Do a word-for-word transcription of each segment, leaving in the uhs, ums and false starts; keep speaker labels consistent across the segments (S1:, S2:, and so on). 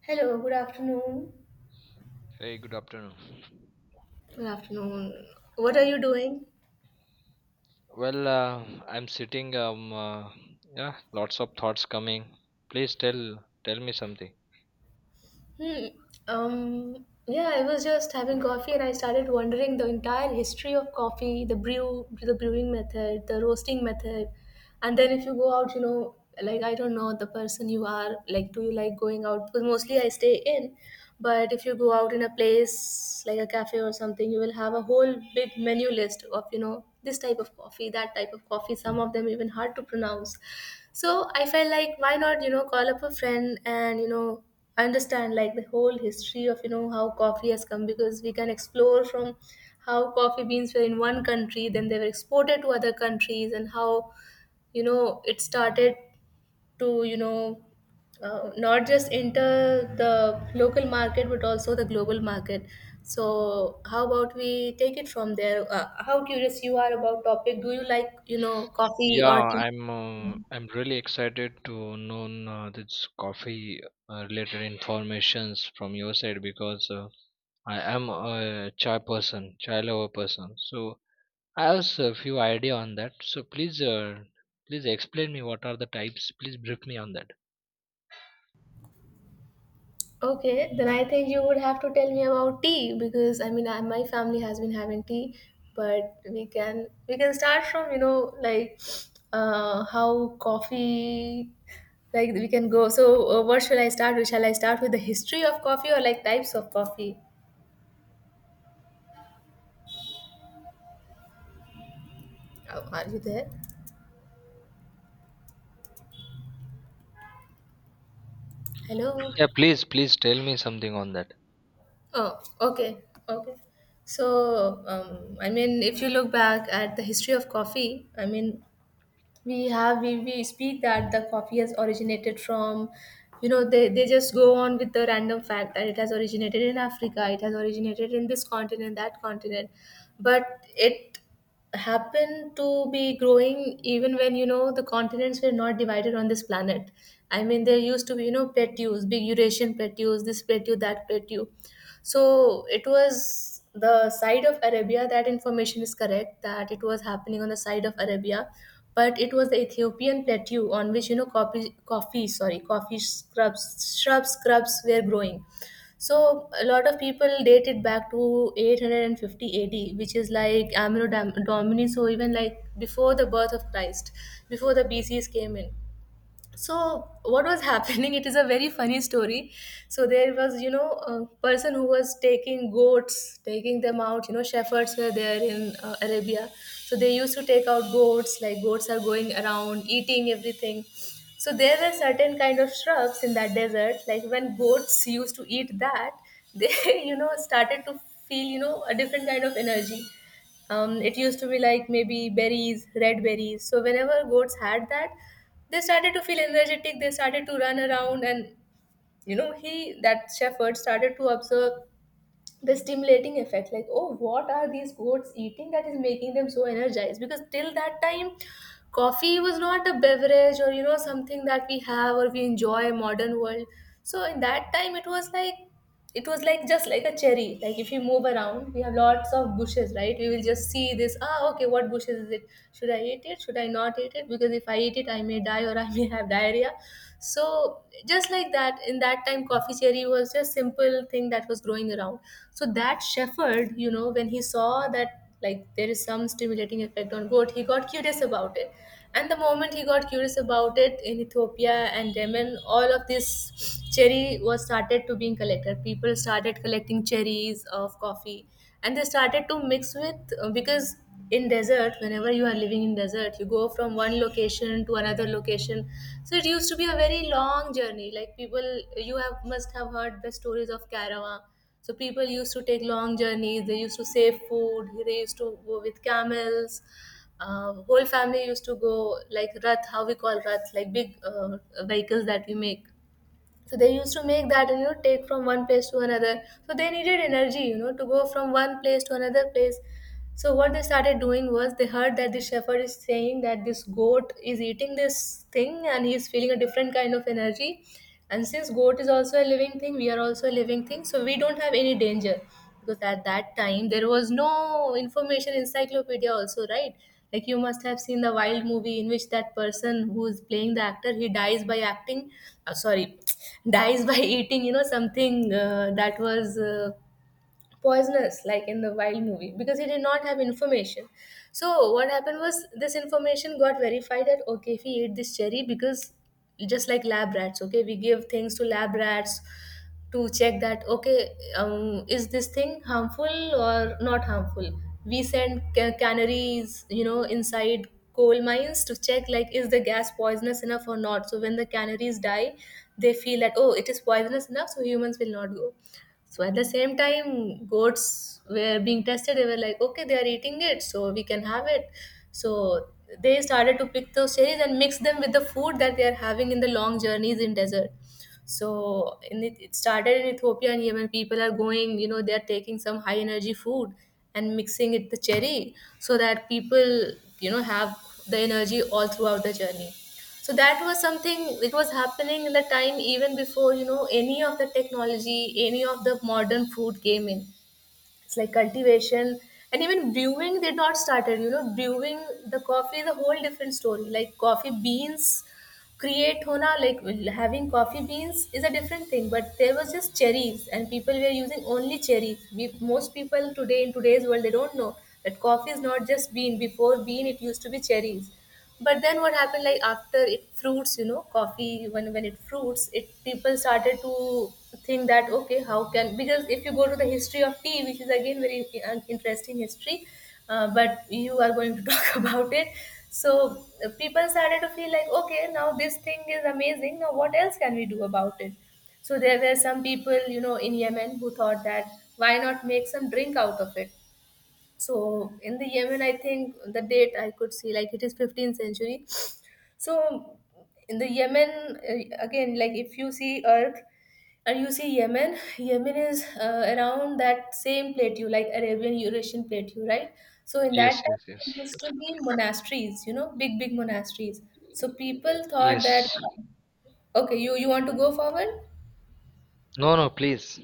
S1: Hello, good afternoon.
S2: Hey, good afternoon.
S1: Good afternoon. What are you doing?
S2: Well, uh, I'm sitting. Um, uh, yeah, lots of thoughts coming. Please tell tell me something.
S1: Hmm. Um. Yeah, I was just having coffee and I started wondering the entire history of coffee, the brew, the brewing method, the roasting method. And then if you go out, you know, like I don't know the person you are. Like, do you like going out? Because mostly I stay in, but if you go out in a place like a cafe or something, you will have a whole big menu list of you know this type of coffee, that type of coffee. Some of them even hard to pronounce. So I felt like why not, you know, call up a friend and, you know, understand like the whole history of, you know, how coffee has come, because we can explore from how coffee beans were in one country, then they were exported to other countries and how, you know, it started to, you know, uh, not just enter the local market but also the global market. So how about we take it from there? Uh, how curious you are about topic? Do you like, you know, coffee
S2: Yeah,
S1: or tea?
S2: I'm uh, I'm really excited to know uh, this coffee uh, related informations from your side because uh, I am a chai person, chai lover person. So I have a few idea on that. So please, uh, please explain me what are the types. Please brief me on that.
S1: Okay, then I think you would have to tell me about tea because I mean I, my family has been having tea. But we can we can start from you know like uh, how coffee, like we can go. So uh, what shall I start with? Shall I start with the history of coffee or like types of coffee? Oh, are you there? Hello.
S2: Yeah, please, please tell me something on that.
S1: Oh, okay, okay. So, um, I mean, if you look back at the history of coffee, I mean, we have we, we speak that the coffee has originated from, you know they, they just go on with the random fact that it has originated in Africa, it has originated in this continent, that continent, but it happened to be growing even when, you know the continents were not divided on this planet. I mean, there used to be, you know plateaus, big Eurasian plateaus, this plateau, that plateau. So it was the side of Arabia, that information is correct, that it was happening on the side of Arabia, but it was the Ethiopian plateau on which, you know, coffee, coffee sorry, coffee scrubs, shrubs, scrubs were growing. So a lot of people date it back to eight hundred fifty A D, which is like Amino Dom- Domini, so even like before the birth of Christ, before the B Cs came in. So what was happening, it is a very funny story. So there was, you know a person who was taking goats, taking them out, you know shepherds were there in uh, Arabia. So they used to take out goats, like goats are going around eating everything. So there were certain kind of shrubs in that desert, like when goats used to eat that, they you know started to feel, you know a different kind of energy. um, it used to be like maybe berries, red berries. So whenever goats had that, they started to feel energetic, they started to run around, and you know he, that shepherd, started to observe the stimulating effect, like oh, what are these goats eating that is making them so energized? Because till that time, coffee was not a beverage or, you know something that we have or we enjoy modern world. So in that time, it was like, it was like just like a cherry. Like if you move around, we have lots of bushes, right? We will just see this, ah okay, what bushes is it, should I eat it, should I not eat it, because if I eat it I may die or I probably have diarrhea. So just like that, in that time coffee cherry was just simple thing that was growing around. So that shepherd, you know when he saw that, like there is some stimulating effect on goat, he got curious about it. And the moment he got curious about it, in Ethiopia and Yemen, all of this cherry was started to being collected, people started collecting cherries of coffee. And they started to mix with, uh, because in desert, whenever you are living in desert, you go from one location to another location. So it used to be a very long journey, like people, you have must have heard the stories of caravan. So people used to take long journeys, they used to save food, they used to go with camels. Uh, whole family used to go, like rath, how we call rath, like big uh, vehicles that we make. So they used to make that, and you know take from one place to another. So they needed energy, you know to go from one place to another place. So what they started doing was, they heard that the shepherd is saying that this goat is eating this thing and he is feeling a different kind of energy. And since goat is also a living thing, we are also a living thing, so we don't have any danger. Because at that time there was no information encyclopedia also, right? Like you must have seen the wild movie in which that person who is playing the actor, he dies by acting, uh, sorry, dies by eating, you know something, uh, that was uh, poisonous, like in the wild movie, because he did not have information. So what happened was, this information got verified that okay, if he ate this cherry, because just like lab rats, okay, we give things to lab rats to check that, okay, um, is this thing harmful or not harmful. We send ca- canaries, you know inside coal mines to check like is the gas poisonous enough or not. So when the canaries die, they feel that oh, it is poisonous enough, so humans will not go. So at the same time, goats were being tested. They were like, okay, they are eating it, so we can have it. So they started to pick those cherries and mix them with the food that they are having in the long journeys in desert. So in it, it started in Ethiopia and Yemen. People are going, you know, they are taking some high energy food and mixing it with cherry so that people, you know, have the energy all throughout the journey. So that was something, it was happening in the time even before, you know, any of the technology, any of the modern food came in. It's like cultivation, and even brewing they not started, you know, brewing the coffee is a whole different story. Like coffee beans create hona, like having coffee beans is a different thing, but there was just cherries and people were using only cherries. We, most people today in today's world they don't know that coffee is not just bean, before bean it used to be cherries. But then what happened, like after it fruits, you know coffee, when when it fruits it, people started to think that okay, how can, because if you go to the history of tea, which is again very uh, interesting history, uh, but you are going to talk about it. So uh, people started to feel like, okay, now this thing is amazing. Now what else can we do about it? So there were some people, you know, in Yemen who thought that why not make some drink out of it? So in the Yemen, I think the date I could see like it is fifteenth century. So in the Yemen, uh, again, like if you see Earth and you see Yemen, Yemen is uh, around that same plateau, like Arabian Eurasian plateau, right? So in that
S2: Yes, yes,
S1: time,
S2: yes.
S1: it used to be monasteries, you know, big big monasteries. So people thought that
S2: Yes.
S1: okay, you you want to go forward?
S2: No, no, please.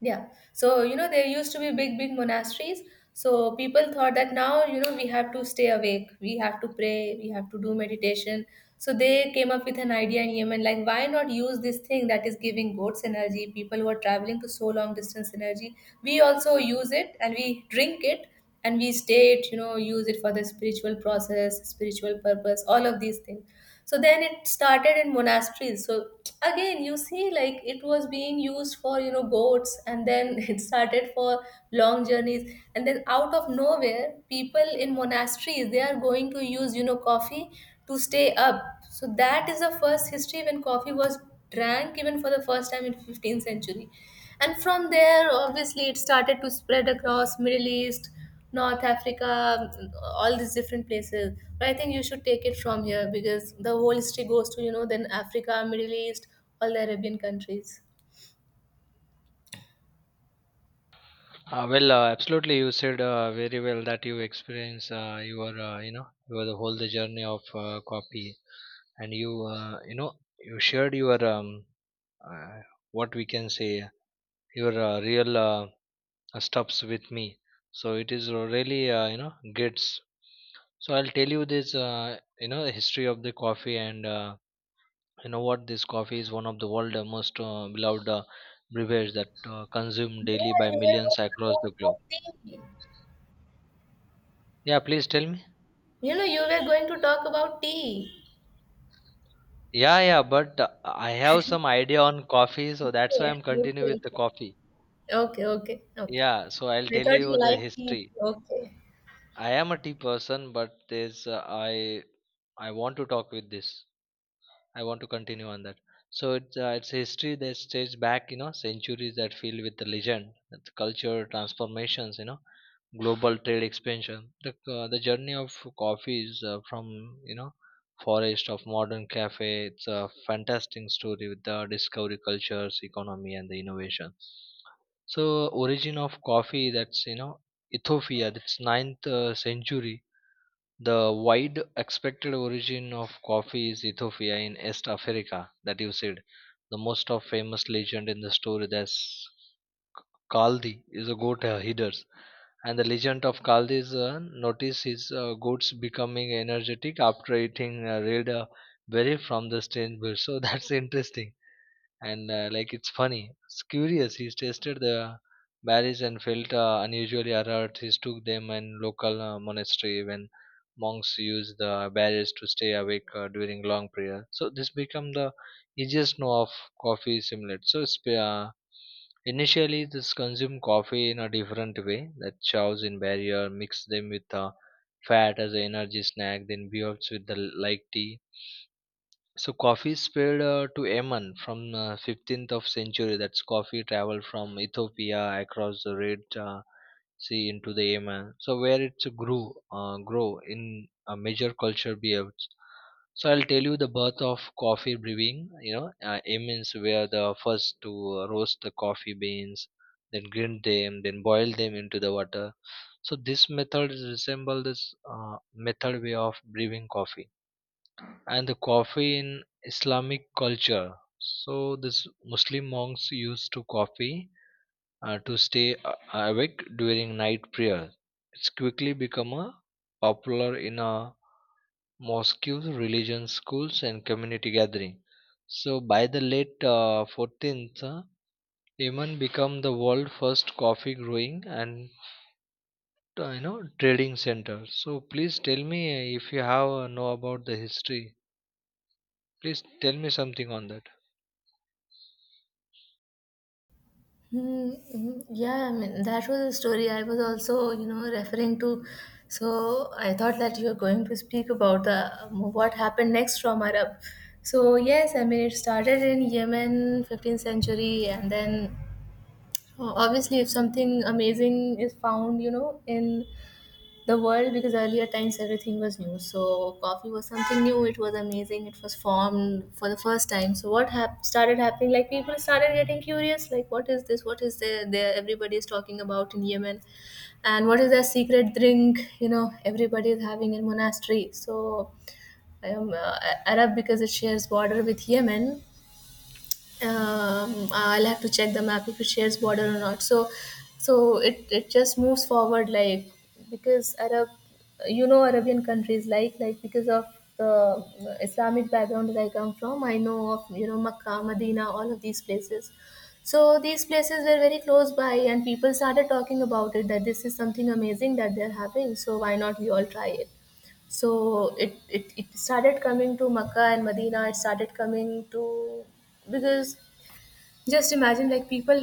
S1: Yeah. So, you know, there used to be big, big monasteries. So people thought that now, you know, we have to stay awake, we have to pray, we have to do meditation. So they came up with an idea in Yemen, like why not use this thing that is giving goats energy? People who are traveling to so long distance energy, we also use it and we drink it, and we stay it, you know use it for the spiritual process, spiritual purpose, all of these things. So then it started in monasteries. So again you see, like it was being used for, you know goats, and then it started for long journeys, and then out of nowhere people in monasteries they are going to use, you know coffee to stay up. So that is the first history when coffee was drank even for the first time in fifteenth century. And from there obviously it started to spread across Middle East, North Africa, mm, all these different places. But I think you should take it from here because the whole history goes to, you know, then Africa, Middle East, all the Arabian countries.
S2: Uh, well, uh, absolutely. You said uh, very well that you experience uh, your, uh, you know, your the whole the journey of uh, copy, and you, uh, you know, you shared your um, uh, what we can say your uh, real uh, stops with me. So it is really, uh, you know, gets. So I'll tell you this, uh, you know, the history of the coffee and. Uh, You know what, this coffee is one of the world's most uh, beloved uh, beverages that uh, consumed
S1: Yeah,
S2: daily by
S1: you were
S2: millions
S1: going to
S2: across the
S1: talk
S2: globe.
S1: about tea.
S2: Yeah, please tell me.
S1: You know, you were going to talk about tea.
S2: Yeah, yeah but uh, I have some idea on coffee, so that's why I'm
S1: Okay,
S2: continuing
S1: okay,
S2: with the
S1: okay.
S2: coffee.
S1: Okay, okay, okay.
S2: Yeah, so I'll
S1: I
S2: tell
S1: thought you
S2: you the
S1: liked tea.
S2: history.
S1: Okay.
S2: I am a tea person, but there's uh, I I want to talk with this. I want to continue on that. So it's uh, it's a history that stays back, you know, centuries that filled with the legend, the culture transformations, you know, global trade expansion. The uh, the journey of coffee is uh, from you know forest of modern cafe. It's a fantastic story with the discovery, cultures, economy, and the innovation. So origin of coffee, that's you know Ethiopia. That's ninth uh, century, the wide expected origin of coffee is Ethiopia in East Africa, that you said. The most of famous legend in the story, that's Kaldi is a goat uh, herder. And the legend of Kaldi is uh, notice his uh, goats becoming energetic after eating uh, red uh, berry from the strange bush. So that's interesting. And uh, like it's funny, it's curious, he's tasted the berries and felt uh, unusually alert. He took them in local uh, monastery, when monks use the berries to stay awake uh, during long prayer. So this become the easiest know of coffee simulate. So it's, uh, initially this consume coffee in a different way, that chows in barrier mix them with uh, fat as an energy snack, then beers with the l- like tea. So coffee spread uh, to Yemen from uh, fifteenth of century. That's coffee traveled from Ethiopia across the Red uh, Sea into the Yemen. So where it grew, uh, grow in a major culture behaves. So I'll tell you the birth of coffee brewing. You know, uh, Yemens were the first to roast the coffee beans, then grind them, then boil them into the water. So this method resembles this uh, method way of brewing coffee, and the coffee in Islamic culture. So this Muslim monks used to coffee uh, to stay a- awake during night prayer. It's quickly become a popular in a mosques, religion schools, and community gathering. So by the late uh, fourteenth, uh, Yemen became the world first coffee growing and uh, you know trading center. So please tell me uh, if you have uh, know about the history. Please tell me something on that.
S1: Hmm, mhm. Yeah, I mean, that was a story I was also, you know, referring to. So I thought that you were going to speak about the um, what happened next from Arab. So yes, I mean, it started in Yemen, fifteenth century, and then uh, obviously, if something amazing is found, you know, in the world, because earlier times everything was new, so coffee was something new, it was amazing, it was formed for the first time. So what hap- started happening, like people started getting curious, like what is this, what is there there everybody is talking about in Yemen, and what is their secret drink, you know, everybody is having in monastery. So um, uh, Arab, because it shares border with Yemen, um, I'll have to check the map if it shares border or not. So, so it, it just moves forward, like because Arab, you know, Arabian countries, like like because of the Islamic background that I come from, I know of, you know, Makkah, Medina, all of these places. So these places were very close by, and people started talking about it that this is something amazing that they're having. So why not we all try it? So it, it, it started coming to Makkah and Medina. It started coming to, because just imagine like people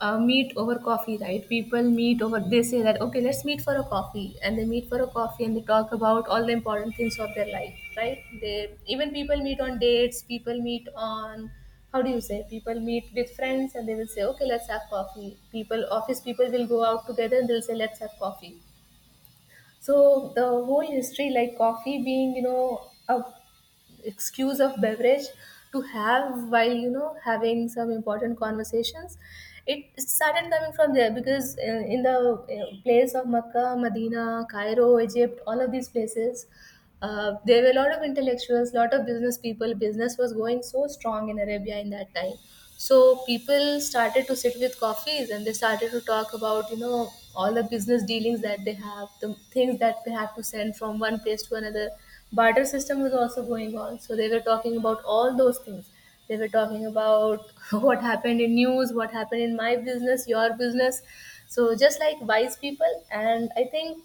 S1: uh, meet over coffee, right? People meet over, they say that okay, let's meet for a coffee, and they meet for a coffee, and they talk about all the important things of their life, right? They even, people meet on dates, people meet on, how do you say, people meet with friends and they will say okay let's have coffee, people office, people will go out together and they'll say let's have coffee. So the whole history, like coffee being, you know, a excuse of beverage to have while, you know, having some important conversations, it started coming from there. Because uh, in the uh, place of Mecca, Medina, Cairo, Egypt, all of these places, uh, there were a lot of intellectuals, lot of business people. Business was going so strong in Arabia in that time. So people started to sit with coffees and they started to talk about, you know, all the business dealings that they have, the things that they have to send from one place to another. Barter system was also going on. So they were talking about all those things. They were talking about what happened in news, what happened in my business, your business. So just like wise people. And I think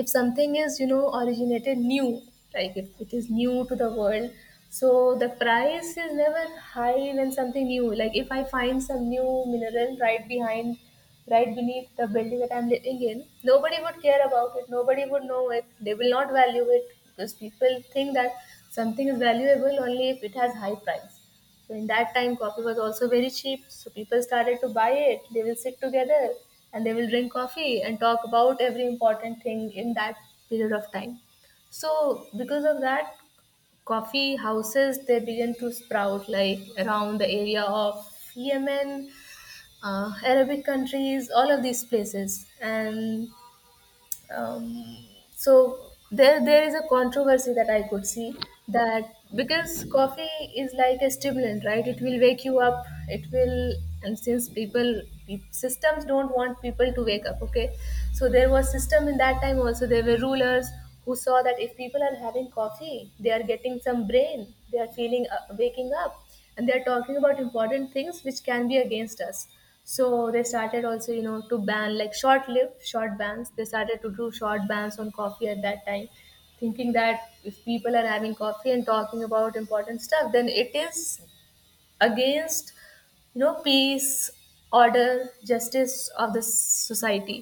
S1: if something is, you know, originated new, like if it is new to the world, so the price is never high when something new, like if I find some new mineral right behind, right beneath the building that I'm living in, nobody would care about it, nobody would know it, they will not value it, because people think that something is valuable only if it has high price. So in that time, coffee was also very cheap. So people started to buy it. They will sit together and they will drink coffee and talk about every important thing in that period of time. So because of that, coffee houses they began to sprout like around the area of Yemen, uh, Arabic countries, all of these places, and um, so there there is a controversy that I could see, that because coffee is like a stimulant, right? It will wake you up. It will, and since people pe- systems don't want people to wake up, okay? So there was system in that time also. There were rulers who saw that if people are having coffee, they are getting some brain. They are feeling uh, waking up and they're talking about important things which can be against us. So they started also, you know, to ban, like short lived, short bans, they started to do short bans on coffee at that time, thinking that if people are having coffee and talking about important stuff, then it is against, you know, peace, order, justice of the society.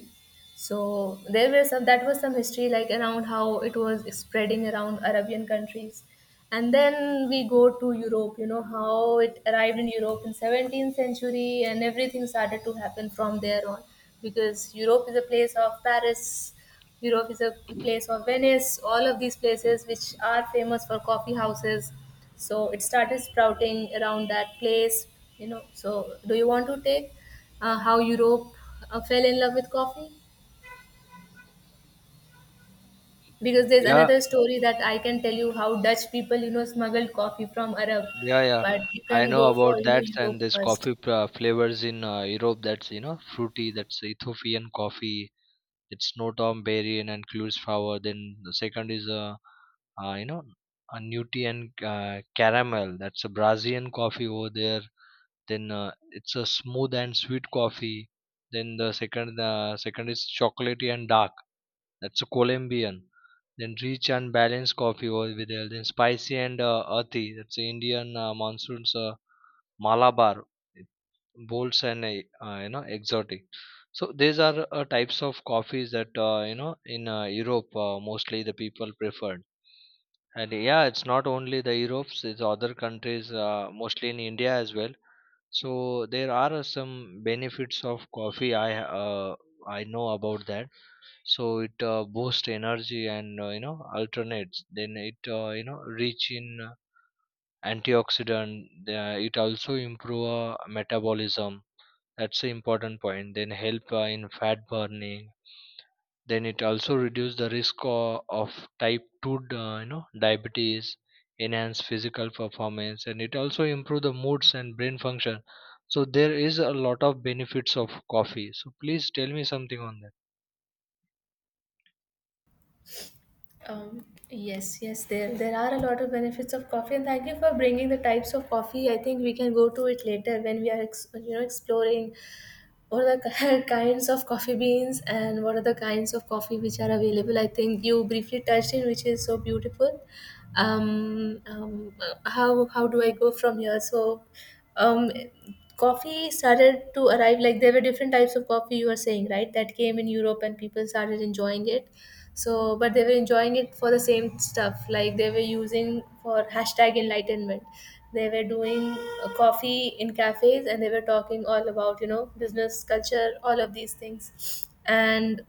S1: So there were some, that was some history like around how it was spreading around Arabian countries. And then we go to Europe, you know, how it arrived in Europe in seventeenth century and everything started to happen from there on, because Europe is a place of Paris, Europe is a place of Venice, all of these places which are famous for coffee houses. So it started sprouting around that place, you know. So do you want to take uh, how Europe uh, fell in love with coffee? Because there's
S2: Yeah.
S1: another story that I can tell you, how Dutch people, you know, smuggled coffee from Arab.
S2: Yeah, yeah.
S1: But you
S2: I
S1: can go
S2: know
S1: for,
S2: about
S1: you know,
S2: that.
S1: Europe
S2: And there's
S1: first.
S2: coffee uh, flavors in uh, Europe, that's you know fruity, that's Ethiopian coffee. It's Notom berry and includes flower. Then the second is uh, uh you know a Nutrian uh, caramel, that's a Brazilian coffee over there. Then uh, it's a smooth and sweet coffee. Then the second, uh, second is chocolatey and dark, that's a Colombian. Then rich and balanced coffee over there. Then spicy and uh, earthy, that's the Indian uh, monsoons. Uh, Malabar, bolds and uh, uh, you know exotic. So these are uh, types of coffees that uh, you know in uh, Europe uh, mostly the people preferred. And yeah, it's not only the Europe's; it's other countries, uh, mostly in India as well. So there are uh, some benefits of coffee. I uh, I know about that. So it uh, boosts energy and uh, you know alternates. Then it uh, you know rich in uh, antioxidant. Uh, it also improve uh, metabolism, that's the important point. Then help uh, in fat burning. Then it also reduce the risk uh, of type two d- uh, you know diabetes, enhance physical performance, and it also improve the moods and brain function. So there is a lot of benefits of coffee. So please tell me something on that.
S1: Um, yes, yes, there there are a lot of benefits of coffee, and thank you for bringing the types of coffee. I think we can go to it later when we are ex- you know, exploring what are the kinds of coffee beans and what are the kinds of coffee which are available. I think you briefly touched in, which is so beautiful. Um, um, uh, how how do I go from here? So, um, coffee started to arrive. Like there were different types of coffee. You were saying, right, that came in Europe and people started enjoying it. So but they were enjoying it for the same stuff, like they were using for hashtag #enlightenment, they were doing uh, coffee in cafes and they were talking all about, you know, business, culture, all of these things. And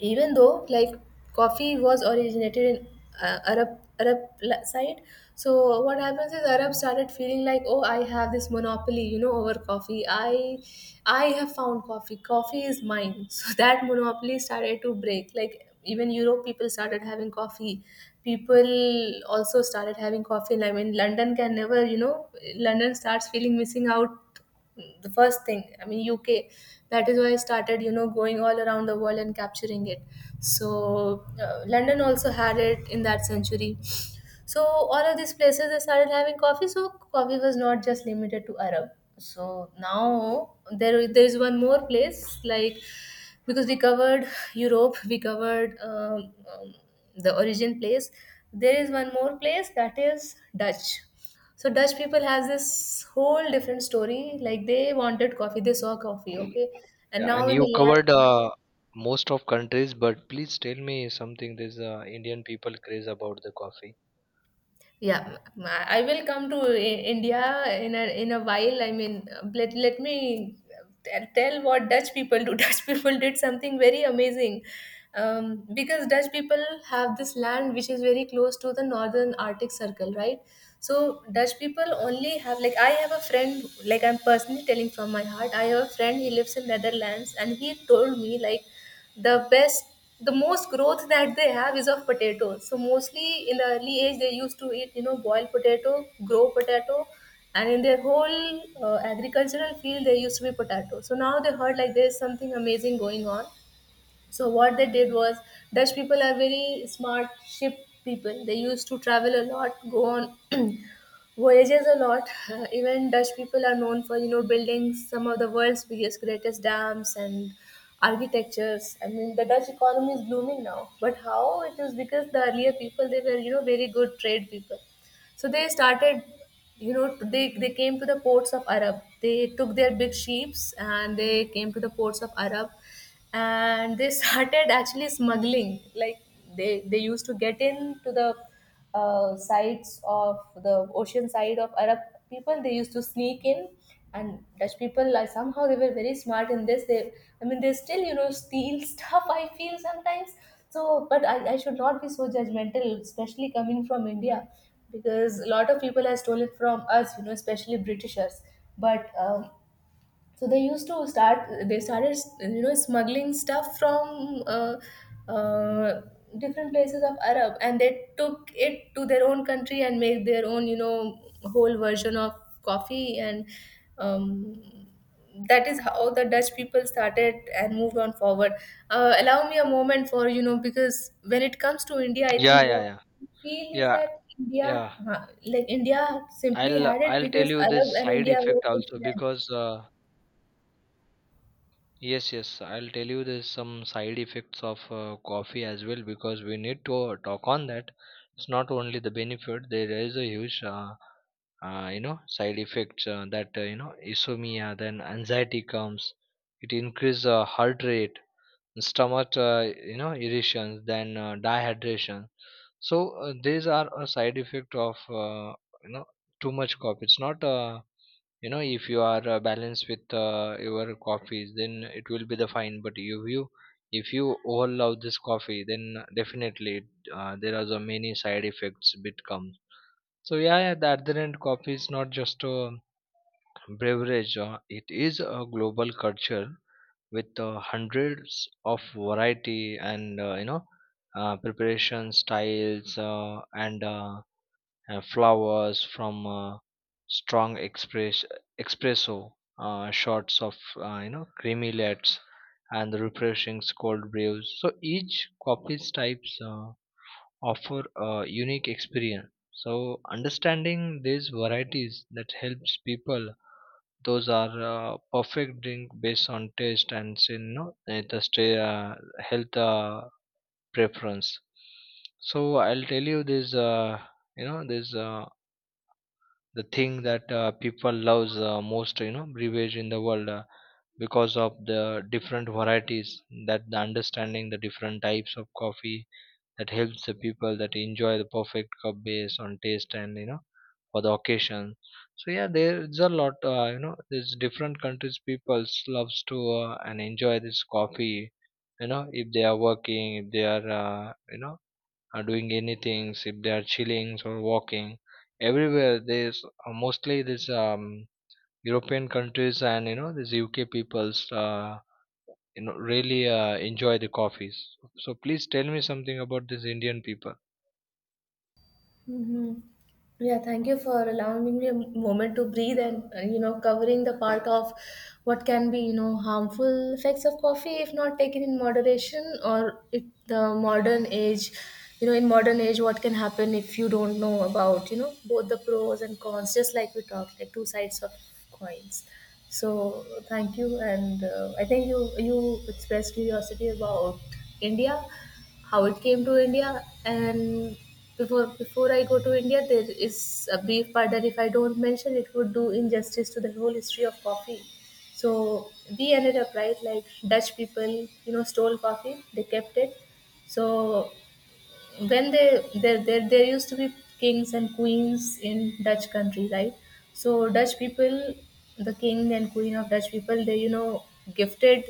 S1: even though, like, coffee was originated in uh, Arab, arab la- side. So what happens is Arab started feeling like, oh, I have this monopoly, you know, over coffee. I i have found coffee, coffee is mine. So that monopoly started to break, like even Europe, people started having coffee, people also started having coffee. And I mean, London can never, you know, London starts feeling missing out. The first thing i mean UK, that is why I started, you know, going all around the world and capturing it. So uh, London also had it in that century. So all of these places, they started having coffee. So coffee was not just limited to Arab. So now there there is one more place, like because we covered Europe, we covered um, um, the origin place. There is one more place that is Dutch. So Dutch people has this whole different story. Like they wanted coffee, they saw coffee, okay, and
S2: Yeah, and
S1: now in the
S2: you
S1: land.
S2: covered uh, most of countries, but please tell me something. There's uh, Indian people craze about the coffee.
S1: Yeah, m- I I will come to I- India in a in a while. I mean, let let me t- tell what Dutch people do. Dutch people did something very amazing, um, because Dutch people have this land which is very close to the northern Arctic Circle, right? So Dutch people only have, like, I have a friend, like I'm personally telling from my heart. I have a friend. He lives in Netherlands, and he told me like the best, the most growth that they have is of potatoes. So mostly in the early age, they used to eat, you know, boiled potato, grow potato, and in their whole uh, agricultural field there used to be potato. So now they heard like there's something amazing going on. So what they did was, Dutch people are very smart ship people. They used to travel a lot, go on voyages a lot. Uh, even Dutch people are known for, you know, building some of the world's biggest, greatest dams and architectures. I mean, the Dutch economy is blooming now, but how it is, because the earlier people, they were, you know, very good trade people. So they started, you know, they they came to the ports of Arab, they took their big ships, and they came to the ports of Arab, and they started actually smuggling, like they they used to get into the uh, sides of the ocean side of Arab, people, they used to sneak in. And Dutch people, like somehow they were very smart in this, they, I mean, they still, you know, steal stuff, I feel sometimes. So but I, I should not be so judgmental, especially coming from India, because a lot of people have stolen from us, you know, especially Britishers. But um, so they used to start. They started, you know, smuggling stuff from uh, uh, different places of Arab, and they took it to their own country and make their own, you know, whole version of coffee. And um, that is how the Dutch people started and moved on forward. Uh, allow me a moment for you know, because when it comes to India, I
S2: Yeah,
S1: think
S2: yeah,
S1: what
S2: yeah,
S1: I feel is
S2: yeah,
S1: that India,
S2: yeah.
S1: uh, like India, simply
S2: I'll
S1: had it
S2: I'll tell
S1: because
S2: you
S1: Arab
S2: this
S1: and
S2: side
S1: India were
S2: effect
S1: good
S2: also because
S1: friends.
S2: uh, yes, yes, I'll tell you there's some side effects of uh, coffee as well, because we need to talk on that. It's not only the benefit. There is a huge uh, uh, you know side effects uh, that uh, you know insomnia, then anxiety comes. It increases uh, heart rate, stomach uh, you know irritations, then uh, dehydration. So uh, these are a side effect of uh, you know too much coffee. It's not uh, you know, if you are uh, balanced with uh, your coffees, then it will be the fine, but if you, if you overlove this coffee, then definitely uh, there are the many side effects bit comes. So yeah, yeah, the other end, coffee is not just a beverage uh, it is a global culture with uh, hundreds of variety and uh, you know uh, preparation styles uh, and, uh, and flowers from uh, strong express espresso uh, shots of uh, you know creamy lets and the refreshing cold brews. So each coffee's types uh, offer a unique experience. So understanding these varieties, that helps people those are uh, perfect drink based on taste and say, you know eh, the stay, uh, health uh, preference. So I'll tell you this, uh, you know, this uh, the thing that uh, people loves uh, most, you know, beverage in the world uh, because of the different varieties, that the understanding the different types of coffee, that helps the people that enjoy the perfect cup based on taste and you know for the occasion. So yeah, there's a lot. Uh, you know, there's different countries people loves to uh, and enjoy this coffee. You know, if they are working, if they are uh, you know are doing anything, if they are chilling or walking, everywhere there's uh, mostly this um, European countries and you know these U K peoples. Uh, you know, really uh, enjoy the coffees. So please tell me something about these Indian people.
S1: Mm-hmm. Yeah, thank you for allowing me a moment to breathe and, uh, you know, covering the part of what can be, you know, harmful effects of coffee if not taken in moderation or it, the modern age, you know, in modern age, what can happen if you don't know about, you know, both the pros and cons, just like we talked, like two sides of coins. So thank you, and uh, I think you you expressed curiosity about India, how it came to India. And before before I go to India, there is a brief part that if I don't mention, it would do injustice to the whole history of coffee. So we ended up right, like Dutch people, you know, stole coffee, they kept it. So when they there there there used to be kings and queens in Dutch country, right? So Dutch people, the king and queen of Dutch people, they you know gifted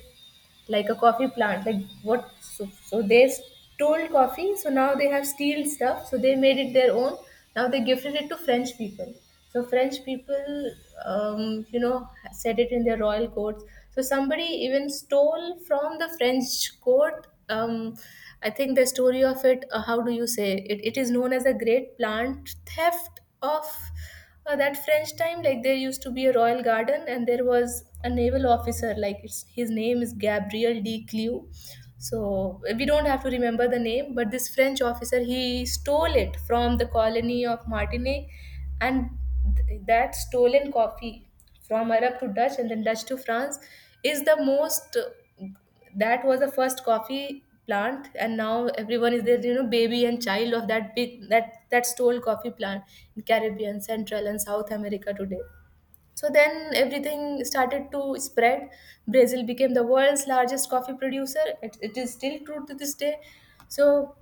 S1: like a coffee plant, like what? So, so they stole coffee, so now they have steel stuff, so they made it their own. Now they gifted it to French people. So French people, um, you know, said it in their royal courts. So somebody even stole from the French court um, I think the story of it, uh, how do you say it? It is known as a great plant theft of uh, that French time. Like there used to be a royal garden, and there was a naval officer. Like it's, his name is Gabriel de Clew. So we don't have to remember the name, but this French officer he stole it from the colony of Martinique, and th- that stolen coffee from Arab to Dutch and then Dutch to France is the most that was the first coffee plant, and now everyone is there, you know baby and child of that big, that that stole coffee plant, in Caribbean, Central, and South America today. So then everything started to spread. Brazil became the world's largest coffee producer. It, it is still true to this day. So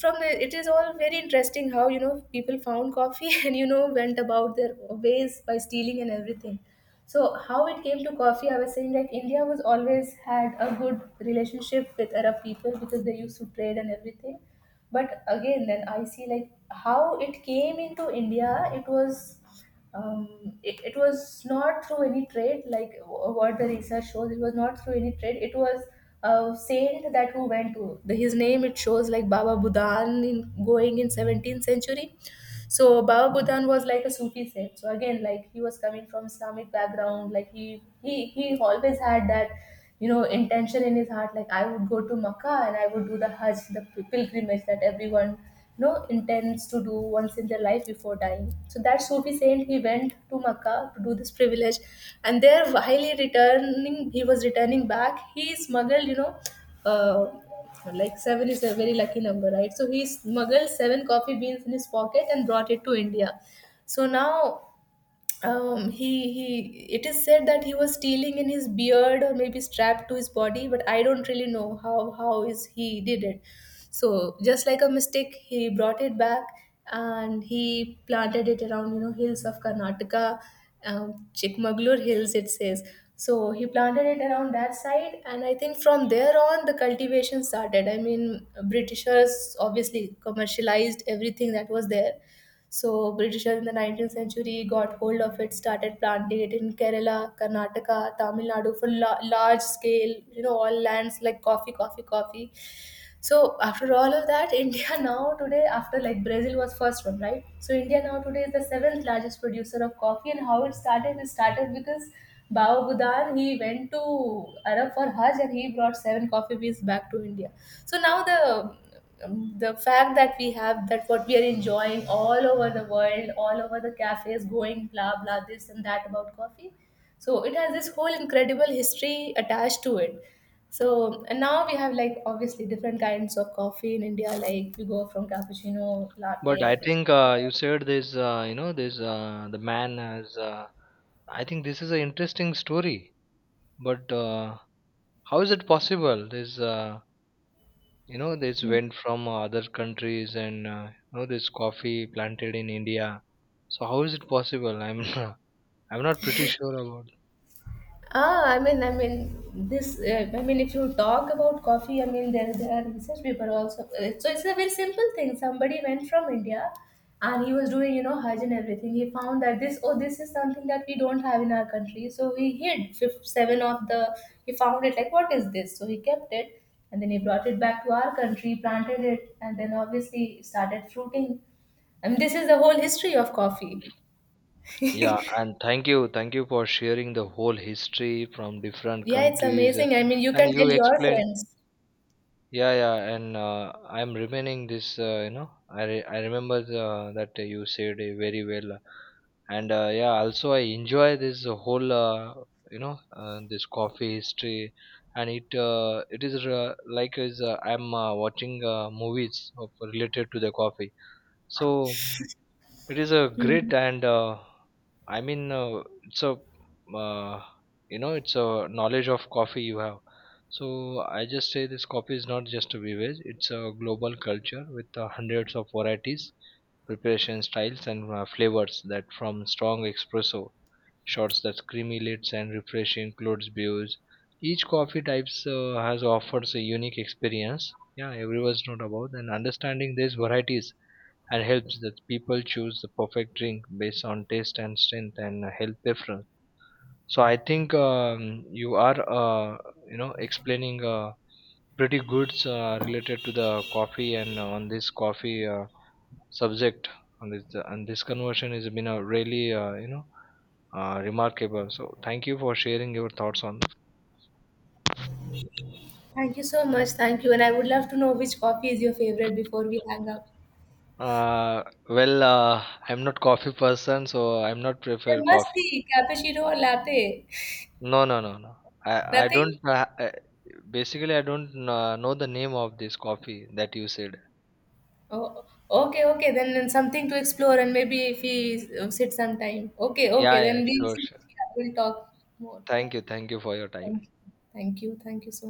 S1: from the, it is all very interesting how you know people found coffee and you know went about their ways by stealing and everything. So how it came to coffee, I was saying, like, India was always had a good relationship with Arab people because they used to trade and everything. But again, then I see like how it came into India, it was um, it, it was not through any trade. Like wh- what the research shows, it was not through any trade. It was a saint that who went to the, his name, it shows, like Baba Budan, in going in seventeenth century. So Baba Budhan was like a Sufi saint. So again, like he was coming from Islamic background, like he he he always had that, you know, intention in his heart, like I would go to Makkah and I would do the Hajj, the p- pilgrimage that everyone, you know intends to do once in their life before dying. So that Sufi saint, he went to Makkah to do this privilege, and there while he returning, he was returning back. He smuggled you know. Uh, like seven is a very lucky number, right? So he smuggled seven coffee beans in his pocket and brought it to India. So now, um he he it is said that he was stealing in his beard, or maybe strapped to his body, but I don't really know how how is he did it. So just like a mistake, he brought it back and he planted it around, you know hills of Karnataka, um, Chikmagalur hills, it says. So he planted it around that side, and I think from there on the cultivation started. I mean, Britishers obviously commercialized everything that was there. So Britishers in the nineteenth century got hold of it, started planting it in Kerala, Karnataka, Tamil Nadu for la- large scale, you know, all lands, like coffee, coffee, coffee. So after all of that, India now today, after like Brazil was first one, right? So India now today is the seventh largest producer of coffee. And how it started? It started because Bao Budan, he went to Arab for Hajj and he brought seven coffee beans back to India. So now the um, the fact that we have, that what we are enjoying all over the world, all over the cafes, going blah blah this and that about coffee. So it has this whole incredible history attached to it. So and now we have, like, obviously different kinds of coffee in India. Like we go from cappuccino,
S2: But I
S1: latte,
S2: think uh, you
S1: espresso.
S2: said this, uh, you know, this uh, the man has. Uh, I think this is an interesting story. But uh, how is it possible? This, uh, you know, this went from uh, other countries, and uh, you know this coffee planted in India. So how is it possible? I'm I'm not pretty sure about.
S1: Ah, I mean, I mean, this. Uh, I mean, if you talk about coffee, I mean, there there are research people also. uh, So it's a very simple thing. Somebody went from India, and he was doing, you know, Hajj and everything. He found that this, oh, this is something that we don't have in our country. So he hid fifth, seven of the. He found it like, what is this? So he kept it, and then he brought it back to our country, planted it, and then obviously started fruiting. I mean, this is the whole history of coffee.
S2: Yeah,
S1: Yeah,
S2: and thank you, thank you for sharing the whole history from different
S1: it's
S2: countries, uh,
S1: amazing. I mean, you can
S2: and
S1: tell
S2: you
S1: your
S2: explained.
S1: friends.
S2: Yeah, yeah, and uh, I'm remaining this. Uh, you know, I re- I remember uh, that you said it very well, uh, and uh, yeah, also I enjoy this whole uh, you know uh, this coffee history, and it uh, it is uh, like is uh, I'm uh, watching uh, movies of related to the coffee. So it is a
S1: Hmm.
S2: great and uh, I mean uh, it's a uh, you know it's a knowledge of coffee you have. So I just say this coffee is not just a beverage; it's a global culture with uh, hundreds of varieties, preparation styles, and uh, flavors that from strong espresso shots that stimulates and refreshing clothes views. Each coffee types uh, has offers a unique experience. Yeah, everyone's not about and understanding these varieties and helps that people choose the perfect drink based on taste and strength and uh, health preference. So I think um, you are uh, you know explaining uh, pretty good uh, related to the coffee and on this coffee uh, subject on this, and this conversion has been a really uh, you know uh, remarkable. So, thank you for sharing your thoughts on this.
S1: Thank you so much. Thank you. And I would love to know which coffee is your favorite before we hang up.
S2: Uh, well, uh, I'm not coffee person, so I'm not prefer
S1: There must
S2: coffee.
S1: be cappuccino or latte.
S2: No, no, no, no. I I don't.
S1: Nothing?
S2: Uh, uh, basically, I don't uh, know the name of this coffee that you said.
S1: Oh, okay, okay. Then, then something to explore, and maybe if we uh, sit sometime. Okay, okay.
S2: Yeah, yeah,
S1: Then we'll
S2: sure,
S1: see.
S2: sure.
S1: Yeah, we'll talk more. Yeah.
S2: Thank you, thank you for your time.
S1: Thank you. Thank you. Thank you so